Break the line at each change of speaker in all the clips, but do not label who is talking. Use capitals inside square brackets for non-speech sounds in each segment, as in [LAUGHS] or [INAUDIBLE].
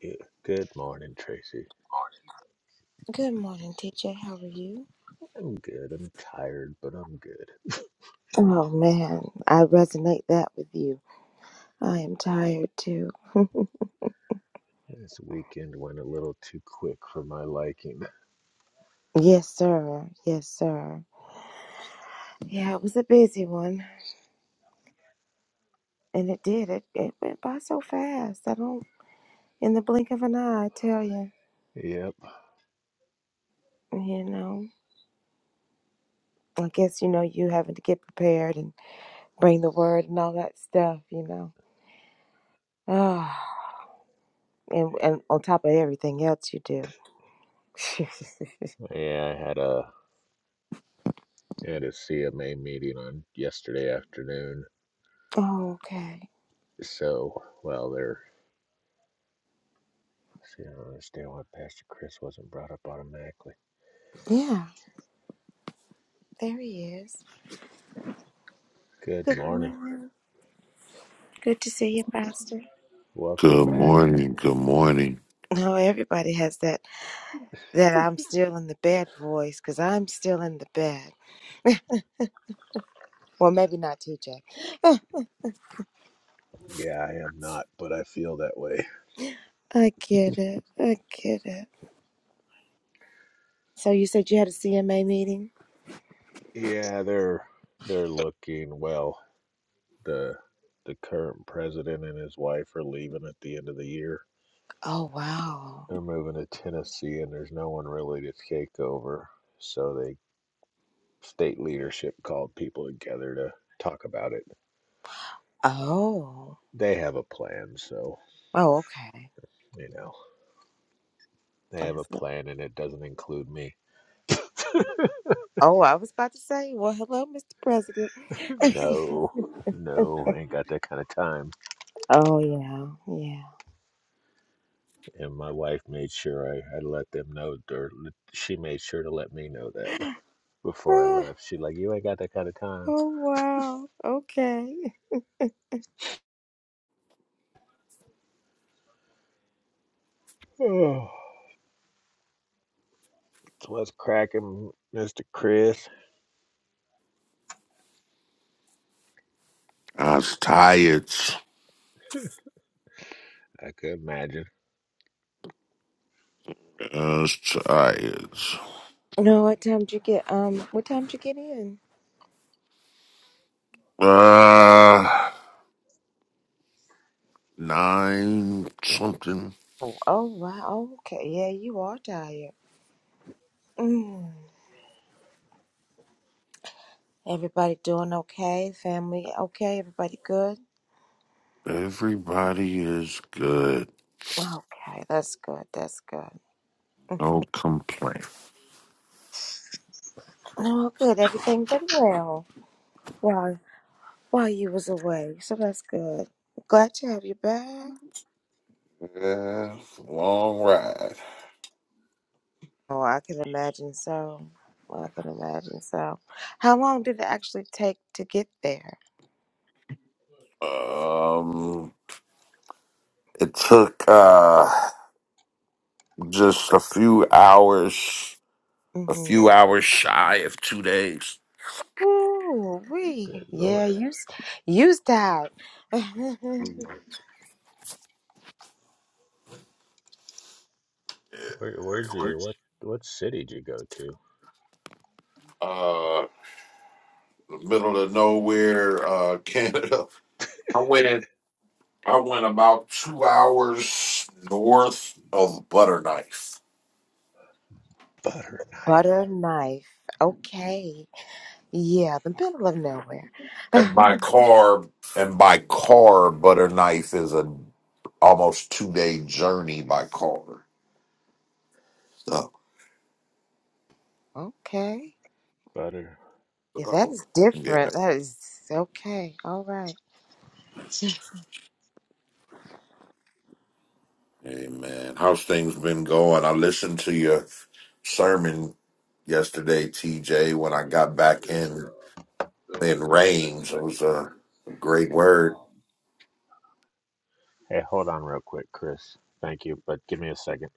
Good, good morning, Tracy.
Good morning, TJ. How are you?
I'm good. I'm tired, but I'm good.
Oh man, I resonate that with you. I am tired too.
This weekend went a little too quick for my liking. [LAUGHS]
Yes, sir. Yes, sir. Yeah, it was a busy one, and it did. It it went by so fast. I don't, in the blink of an eye, I tell you.
Yep.
You know, I guess you know you having to get prepared and bring the word and all that stuff. You know, ah, and and on top of everything else you do. [LAUGHS]
Yeah, I had a I had a CMA meeting on yesterday afternoon.
Oh, okay.
So, well, there. See, I don't understand why Pastor Chris wasn't brought up automatically.
Yeah. There he is.
Good
Good
morning.
morning. Good to see you, Pastor.
Welcome
Good
back.
morning. Good morning.
No, everybody has that that I'm still in the bed voice because I'm still in the bed. Well, maybe not TJ.
Yeah, I am not, but I feel that way.
I get it. I get it. So you said you had a CMA meeting?
Yeah, they're they're looking well. the the current president and his wife are leaving at the end of the year.
Oh wow.
They're moving to Tennessee, and there's no one really to take over. So the state leadership called people together to talk about it.
Oh.
They have a plan, so
Oh, okay.
you know they have a
That's
plan, and it doesn't include me.
oh, I was about to say, well, hello, Mr. President. [LAUGHS]
No, no, I ain't got that kind of time.
oh yeah, yeah.
And my wife made sure I, I let them know, or she made sure to let me know that before I
Ah,
left. She like, you ain't got that kind of time. [SIGHS]
oh wow. Okay.
Oh. What's cracking, Mr. Chris?
I was tired.
I could imagine.
I was tired.
No, what time did you get? Um, what time did you get in?
Uh, nine something.
Oh, oh wow. Okay. Yeah, you are tired. Mm. Everybody doing okay? Family okay? Everybody good?
Everybody is good.
Okay, that's good. That's good.
No complaint.
No, good. Everything been well while while you was away, so that's good. Glad to have you back.
Yeah, long ride.
Oh, I can imagine so. I can imagine so. How long did it actually take to get there?
Um, it took uh just a few hours, a
Mm-hmm.
few hours shy of two days.
Ooh,
Good
wee. Yeah,
lord.
use used out. [LAUGHS]
Where where'd you what what city'd you go to?
Uh, middle of nowhere, uh, [LAUGHS] Canada. I went I went about two hours north of Butterknife,
Butter knife.
Butter knife. Okay. Yeah, the middle of nowhere. [SIGHS]
and by car and by car Butterknife is a almost two day journey by car. So,
okay.
Butter.
Yeah, that
so,
is
yeah,
different. That is okay. All right. [SIGHS]
amen. How's things been going? I listened to your sermon yesterday, TJ. When I got back in in rains, it was a, a great
Um,
word.
Hey, hold on real quick, Chris. Thank you, but give me a second.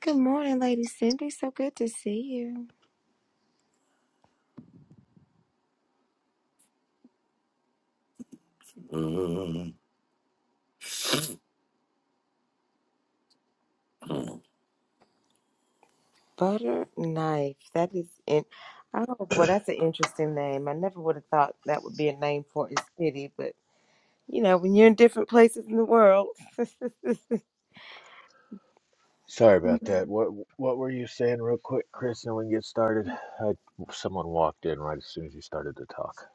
Good morning, Lady Cindy. So good to see you.
Mhm.
Butter knife. That is in. Oh, well, that's an interesting name. I never would have thought that would be a name for a city, but you know, when you're in different places in the world. [LAUGHS]
Sorry about that. What what were you saying real quick, Chris, and we can get started? I, someone walked in right as soon as you started to talk.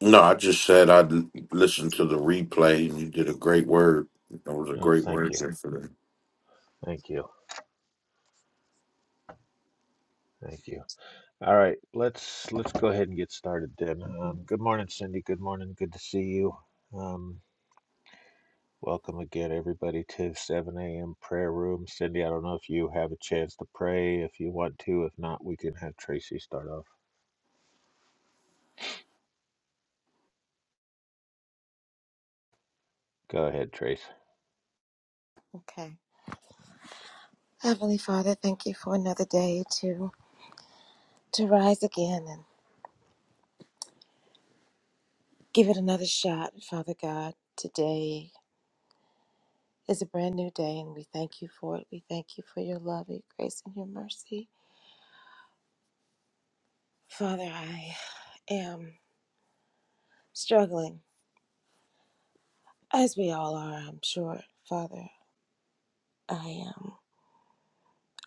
No, I just said I'd l- listen to the replay, and you did a great word. That was a
Oh,
great
thank
word
you.
there for that.
Thank you. Thank you. All right, let's let's go ahead and get started then. Um, good morning, Cindy. Good morning. Good to see you. Um. Welcome again, everybody, to 7 a.m. prayer room. Cindy, I don't know if you have a chance to pray if you want to. If not, we can have Tracy start off. Go ahead, Trace.
okay. Heavenly Father, thank you for another day to to rise again and give it another shot, Father God. Today is a brand new day and we thank you for it. We thank you for your love, your grace, and your mercy. Father, I am struggling, as we all are, I'm sure. Father, I am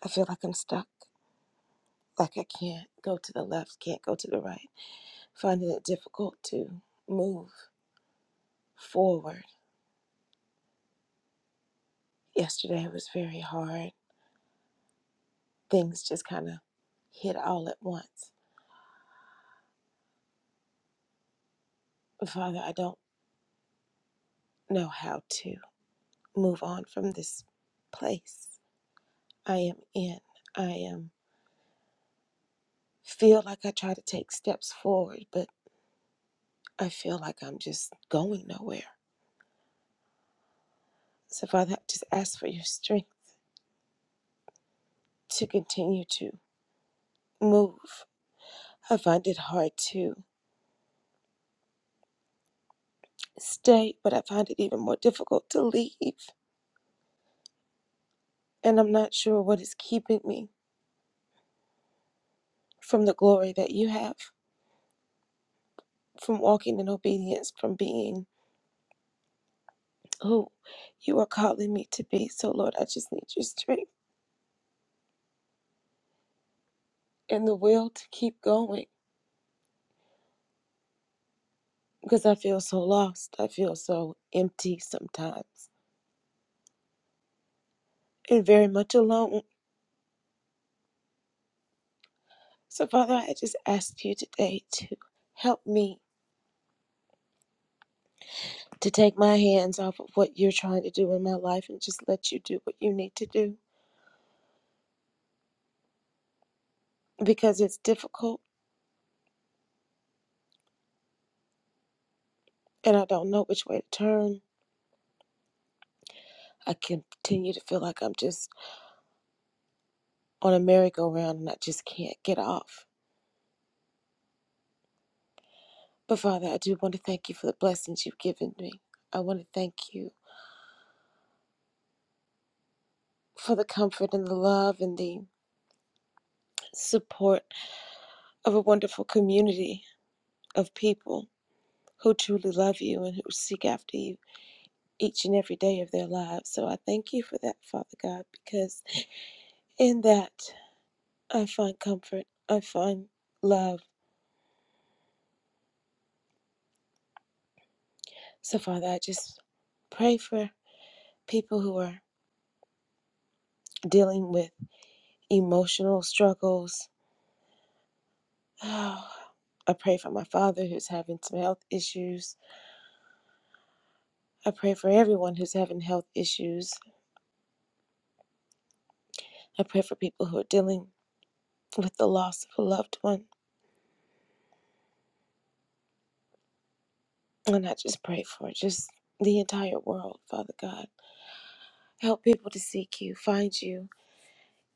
I feel like I'm stuck, like I can't go to the left, can't go to the right. Finding it difficult to move forward. Yesterday was very hard things just kind of hit all at once. Father, I don't know how to move on from this place I am in. I am feel like I try to take steps forward, but I feel like I'm just going nowhere. So Father, I just ask for your strength to continue to move. I find it hard to stay, but I find it even more difficult to leave. And I'm not sure what is keeping me from the glory that you have from walking in obedience, from being who you are calling me to be. So, Lord, I just need your strength and the will to keep going because I feel so lost. I feel so empty sometimes and very much alone. So, Father, I just ask you today to help me to take my hands off of what you're trying to do in my life and just let you do what you need to do because it's difficult and I don't know which way to turn. I continue to feel like I'm just on a merry-go-round and I just can't get off. But Father, I do want to thank you for the blessings you've given me. I want to thank you for the comfort and the love and the support of a wonderful community of people who truly love you and who seek after you each and every day of their lives. So I thank you for that, Father God, because in that I find comfort, I find love. So, Father, I just pray for people who are dealing with emotional struggles, [SIGHS] Oh, I pray for my father who's having some health issues. I pray for everyone who's having health issues. I pray for people who are dealing with the loss of a loved one. And I just pray for just the entire world, Father God. Help people to seek you, find you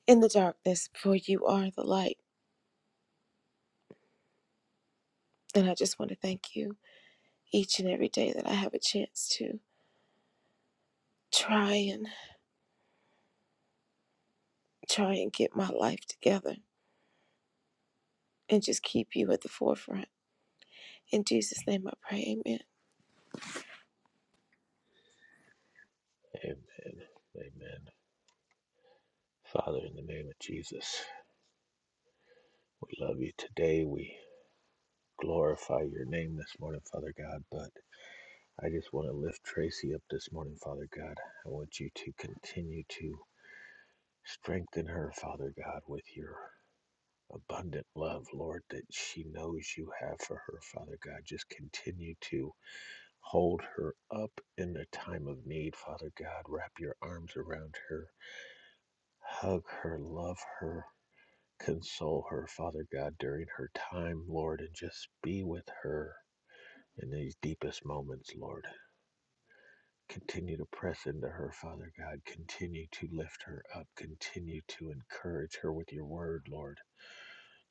in the darkness, for you are the light. And I just want to thank you each and every day that I have a chance to try and try and get my life together and just keep you at the forefront. In Jesus' name I pray, amen.
Amen. Amen. Father, in the name of Jesus, we love you today. We glorify your name this morning, Father God. But I just want to lift Tracy up this morning, Father God. I want you to continue to strengthen her, Father God, with your abundant love, Lord, that she knows you have for her, Father God. Just continue to hold her up in a time of need, Father God. Wrap your arms around her, hug her, love her, console her, Father God, during her time, Lord, and just be with her in these deepest moments, Lord. Continue to press into her, Father God. Continue to lift her up. Continue to encourage her with your word, Lord.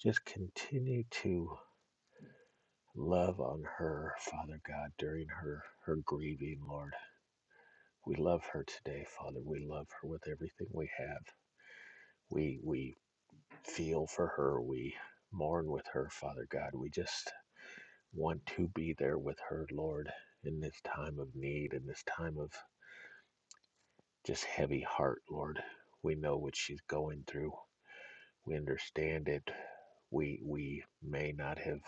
Just continue to Love on her, Father God, during her, her grieving, Lord. We love her today, Father. We love her with everything we have. We, we feel for her. We mourn with her, Father God. We just want to be there with her, Lord, in this time of need, in this time of just heavy heart, Lord. We know what she's going through. We understand it. We, we may not have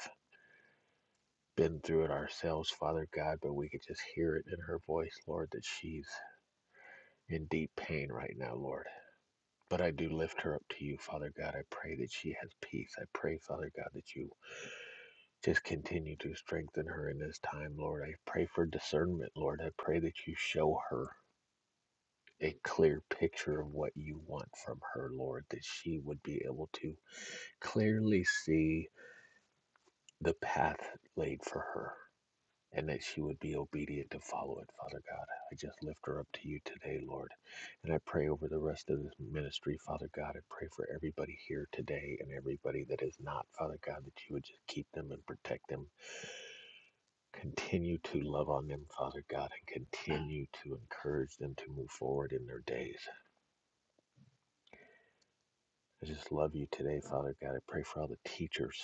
been through it ourselves, Father God, but we could just hear it in her voice, Lord, that she's in deep pain right now, Lord. But I do lift her up to you, Father God. I pray that she has peace. I pray, Father God, that you just continue to strengthen her in this time, Lord. I pray for discernment, Lord. I pray that you show her a clear picture of what you want from her, Lord, that she would be able to clearly see the path laid for her. and that she would be obedient to follow it, Father God. I just lift her up to you today, Lord. And I pray over the rest of this ministry, Father God. I pray for everybody here today and everybody that is not, Father God, that you would just keep them and protect them. Continue to love on them, Father God, and continue to encourage them to move forward in their days. I just love you today, Father God. I pray for all the teachers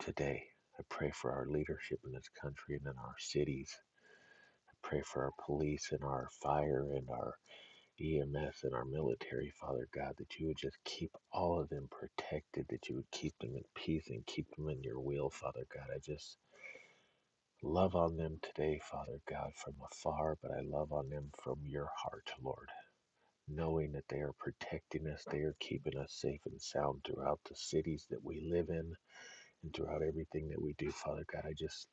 today. I pray for our leadership in this country and in our cities. I pray for our police and our fire and our EMS and our military, Father God, that you would just keep all of them protected, that you would keep them in peace and keep them in your will, Father God. I just love on them today, Father God, from afar, but I love on them from your heart, Lord, knowing that they are protecting us, they are keeping us safe and sound throughout the cities that we live in and throughout everything that we do, Father God. I just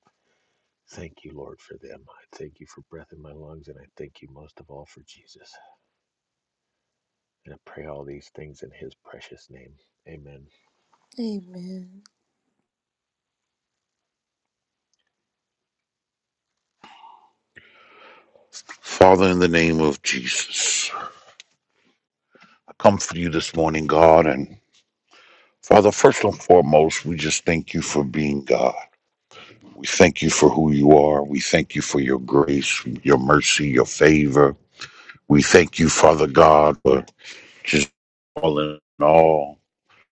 thank you, Lord, for them. I thank you for breath in my lungs, and I thank you most of all for Jesus. And I pray all these things in his precious name. Amen.
Amen.
Father, in the name of Jesus, I come for you this morning, God. And Father, first and foremost, we just thank you for being God. We thank you for who you are. We thank you for your grace, your mercy, your favor. We thank you, Father God, for just all in all.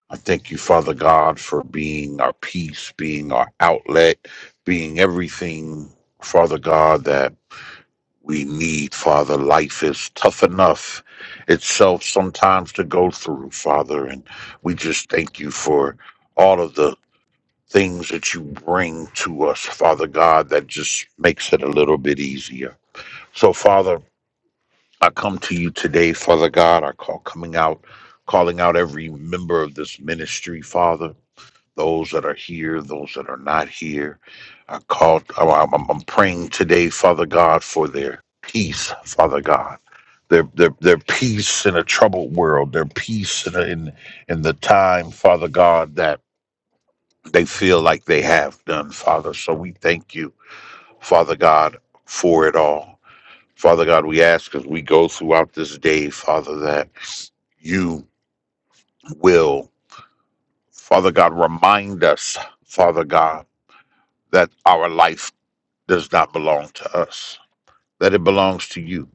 I thank you, Father God, for being our peace, being our outlet, being everything, Father God, that we need, Father. Life is tough enough itself sometimes to go through, Father. And we just thank you for all of the things that you bring to us, Father God, that just makes it a little bit easier. So, Father, I come to you today, Father God. I call coming out, calling out every member of this ministry, Father those that are here, those that are not here. I called, I'm, I'm I'm praying today, Father God, for their peace, Father God. Their, their, their peace in a troubled world, their peace in, in in the time, Father God, that they feel like they have done, Father. So we thank you, Father God, for it all. Father God, we ask as we go throughout this day, Father, that you will, Father God, remind us, Father God, that our life does not belong to us, that it belongs to you,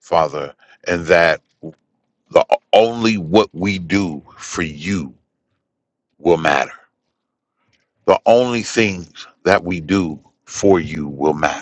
Father, and that the only what we do for you will matter. The only things that we do for you will matter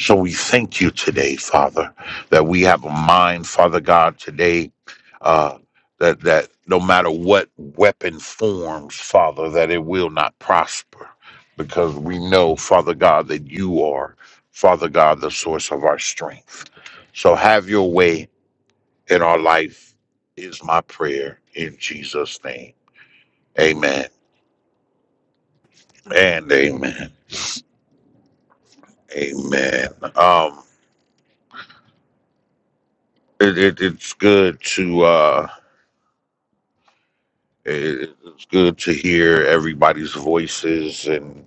So we thank you today, Father, that we have a mind, Father God, today, uh, that that no matter what weapon forms, Father, that it will not prosper, because we know, Father God, that you are, Father God, the source of our strength. So have your way in our life is my prayer in Jesus' name. Amen
Mm,
and amen. Amen. Um, it, it, it's good to. Uh, It- It's good to hear everybody's voices and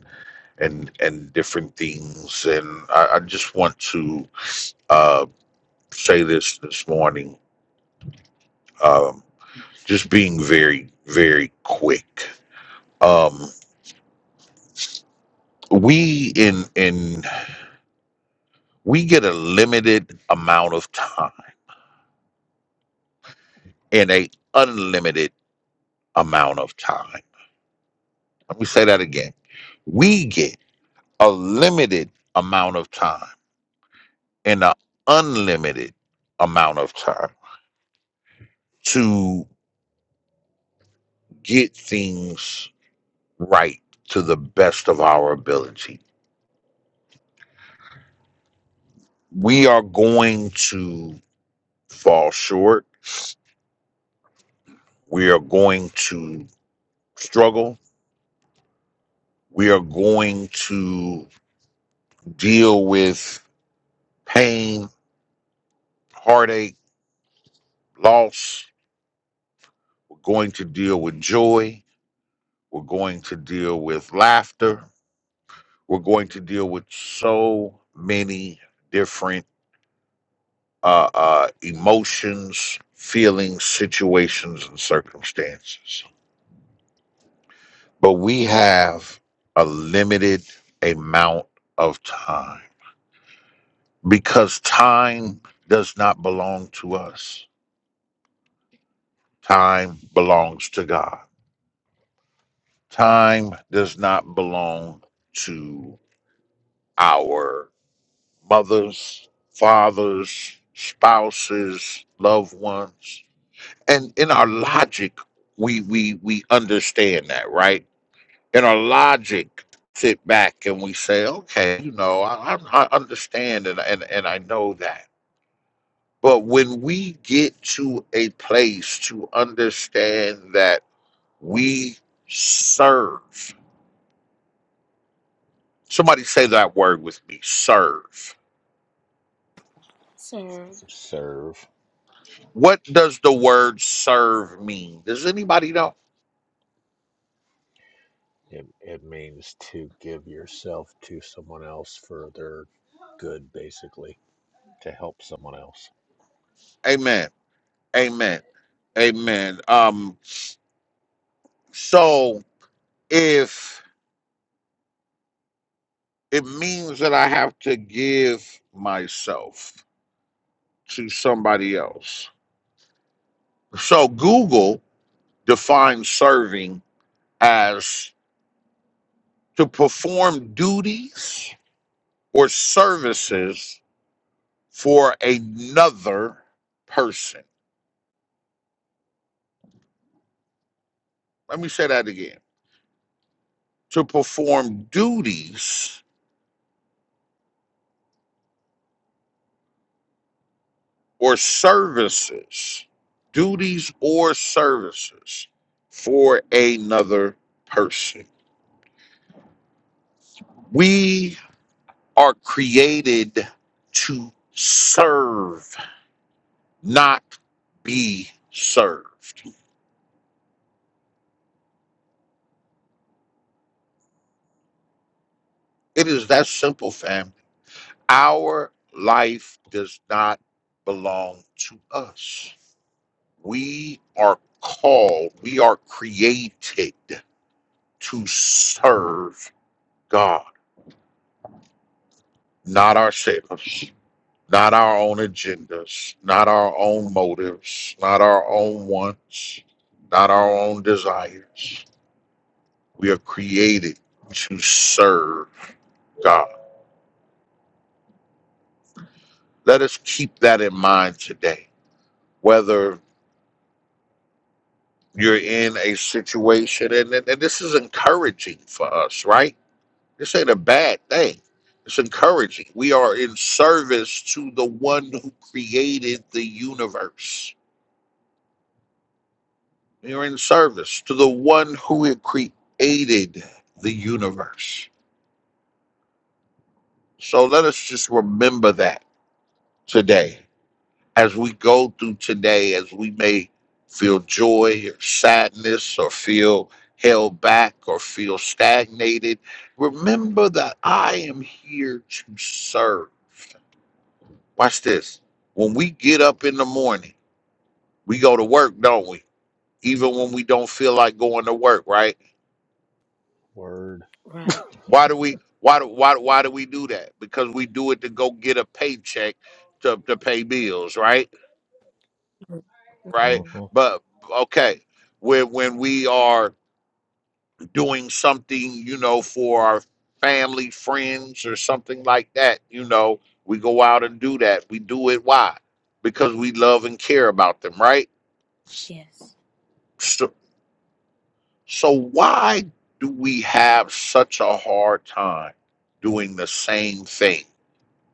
and and different things. And I, I just want to uh, say this this morning. Um, just being very very quick. Um, we in in we get a limited amount of time and a unlimited amount of time. Let me say that again. We get a limited amount of time in an unlimited amount of time to get things right to the best of our ability. We are going to fall short. We are going to struggle. We are going to deal with pain, heartache, loss. We're going to deal with joy. We're going to deal with laughter. We're going to deal with so many different uh, uh, emotions, feelings, situations, and circumstances. But we have a limited amount of time because time does not belong to us. Time belongs to God. Time does not belong to our mothers, fathers, spouses, loved ones. And in our logic, we we we understand that, right? in our logic sit back and we say, okay, you know, I, I, I understand and, and, and I know that. But when we get to a place to understand that we serve, somebody say that word with me serve.
So,
Serve.
What does the word serve mean? Does anybody know?
It, it means to give yourself to someone else for their good, basically, to help someone else.
Amen. Amen. Amen. Um, so if it means that I have to give myself, to somebody else. So Google defines serving as to perform duties or services for another person. Let me say that again. To perform duties or services, duties or services for another person. We are created to serve not be served. It is that simple, fam. Our life does not belong to us. We are called, we are created to serve God, not ourselves, not our own agendas, not our own motives, not our own wants, not our own desires. We are created to serve God. Let us keep that in mind today, whether you're in a situation, and, and, and this is encouraging for us, right? This ain't a bad thing. It's encouraging. We are in service to the one who created the universe. We are in service to the one who had created the universe. So let us just remember that today as we go through today, as we may feel joy or sadness or feel held back or feel stagnated, remember that I am here to serve. Watch this. When we get up in the morning, we go to work, don't we? Even when we don't feel like going to work, right?
Word.
right.
Why do we why do why, why do we do that? Because we do it to go get a paycheck to, to pay bills, right? Right?
Mhm.
hmm
But okay, when when we are doing something, you know, for our family, friends, or something like that, you know, we go out and do that. We do it why? Because we love and care about them, right?
Yes.
So, so why do we have such a hard time doing the same thing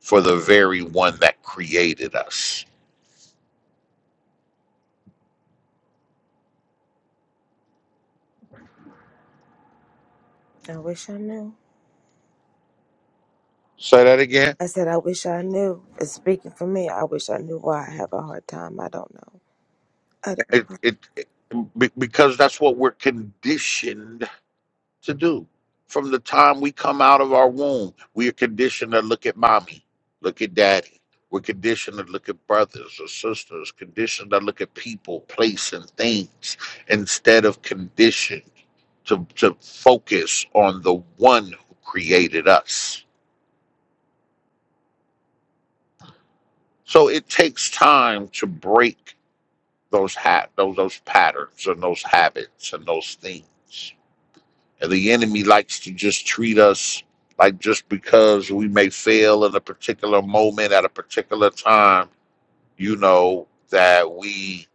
for the very one that created us?
I wish I knew.
Say that again.
I said, I wish I knew. It's speaking for me. I wish I knew why I have a hard time. I don't know. I don't.
It, it, it be- because that's what we're conditioned to do. From the time we come out of our womb, we are conditioned to look at mommy, look at daddy. We're conditioned to look at brothers or sisters, conditioned to look at people, place, and things instead of conditioned to, to focus on the one who created us. So it takes time to break those ha- those those patterns and those habits and those things. And the enemy likes to just treat us like just because we may fail in a particular moment at a particular time, you know, that we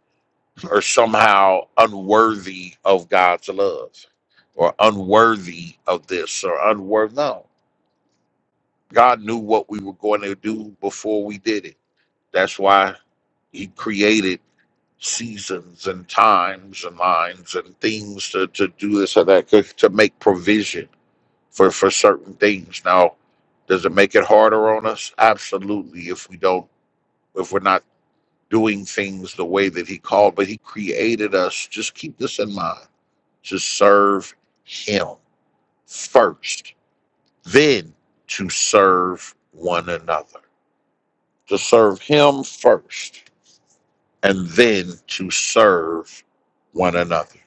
are somehow unworthy of God's love or unworthy of this or unworthy. No, God knew what we were going to do before we did it. That's why He created seasons and times and lines and things to, to do this or that, to to make provision for for certain things. Now, does it make it harder on us? Absolutely. If we don't, if we're not doing things the way that He called, but He created us. Just keep this in mind: to serve Him first, then to serve one another. To serve Him first, and then to serve one another.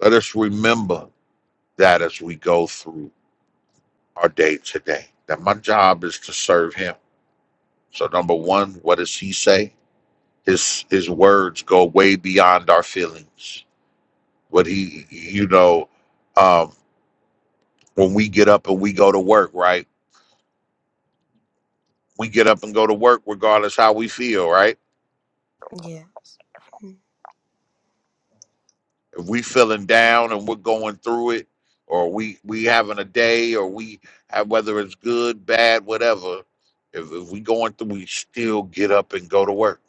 Let us remember that as we go through our day today, that my job is to serve Him So number one, what does he say? His his words go way beyond our feelings. What he you know, um, when we get up and we go to work, right? We get up and go to work regardless how we feel, right?
Yes. Mm.
If we feeling down and we're going through it, or we we having a day, or we have whether it's good, bad, whatever. If, if we going through, we still get up and go to work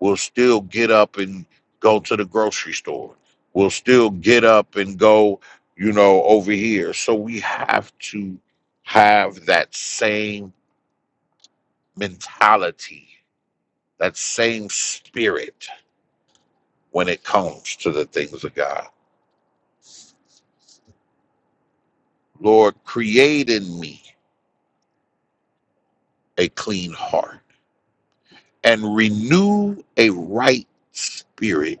will still get up and go to the grocery store, will still get up and go, you know, over here. So we have to have that same mentality, that same spirit when it comes to the things of God. Lord, create in me a clean heart and renew a right spirit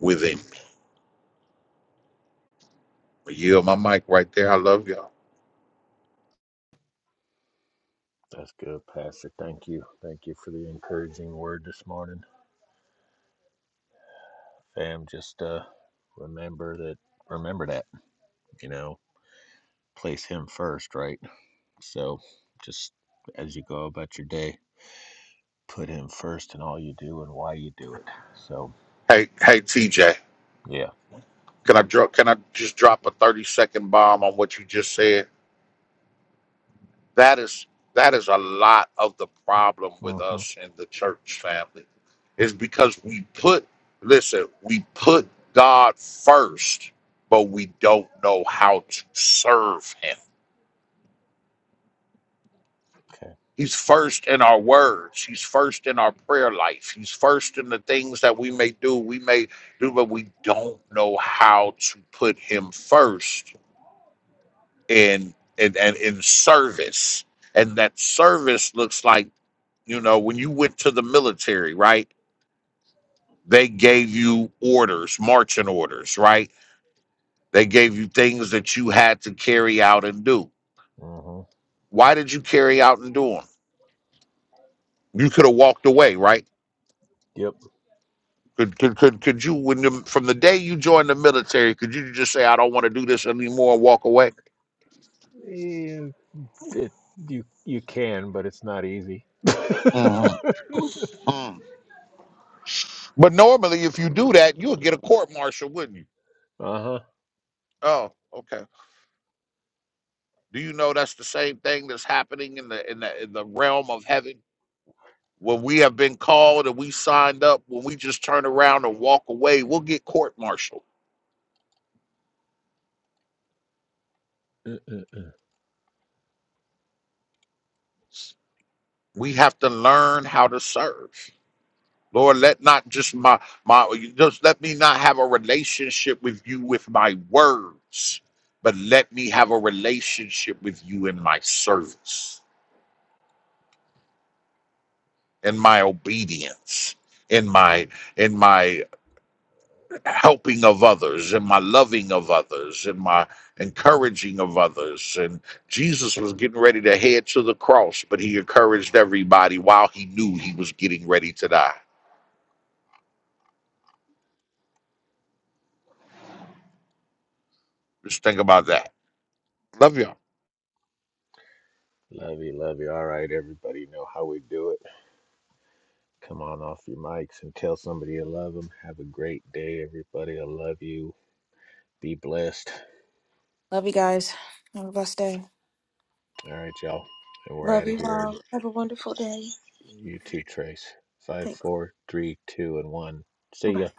within me. I yield my mic right there. I love y'all.
That's good, Pastor. Thank you. Thank you for the encouraging word this morning. Fam, just uh, remember that, remember that, you know, place him first, right? So just as you go about your day, put him first in all you do and why you do it. So,
Hey, hey, TJ.
yeah
Can I drop? Can I just drop a thirty second bomb on what you just said? That is that is a lot of the problem with
Mm-hmm.
us in the church family, is because we put listen we put God first, but we don't know how to serve Him.
Okay.
He's first in our words. He's first in our prayer life. He's first in the things that we may do. We may do, but we don't know how to put Him first in and and in service and that service looks like you know when you went to the military right they gave you orders marching orders right they gave you things that you had to carry out and do
hmm
why did you carry out and do them you could have walked away right
Yep.
could, could, could, could you when the, from the day you joined the military could you just say i don't want to do this anymore and walk away
You, it, you you can, but it's not easy. [LAUGHS]
Mhm.
uh-huh.
Mm. but normally if you do that you would get a court martial wouldn't you oh okay Do you know that's the same thing that's happening in the in the in the realm of heaven? When we have been called and we signed up, when we just turn around and walk away, we'll get court-martialed.
Mm-mm.
We have to learn how to serve. Lord, let not just my my just let me not have a relationship with you with my words, but let me have a relationship with you in my service, in my obedience, in my in my helping of others and my loving of others and my encouraging of others. And Jesus was getting ready to head to the cross, but he encouraged everybody while he knew he was getting ready to die. Just think about that. Love you. all
Love you, love you. All right, everybody you know how we do it. Come on off your mics and tell somebody you love them. Have a great day, everybody. I love you. Be blessed.
Love you guys. Have a blessed day.
All right, y'all. And we're
Love
out of
you
here.
all. Have a wonderful day.
You too, Trace. Five,
Thanks.
four, three, two, and one. See
Bye.
ya.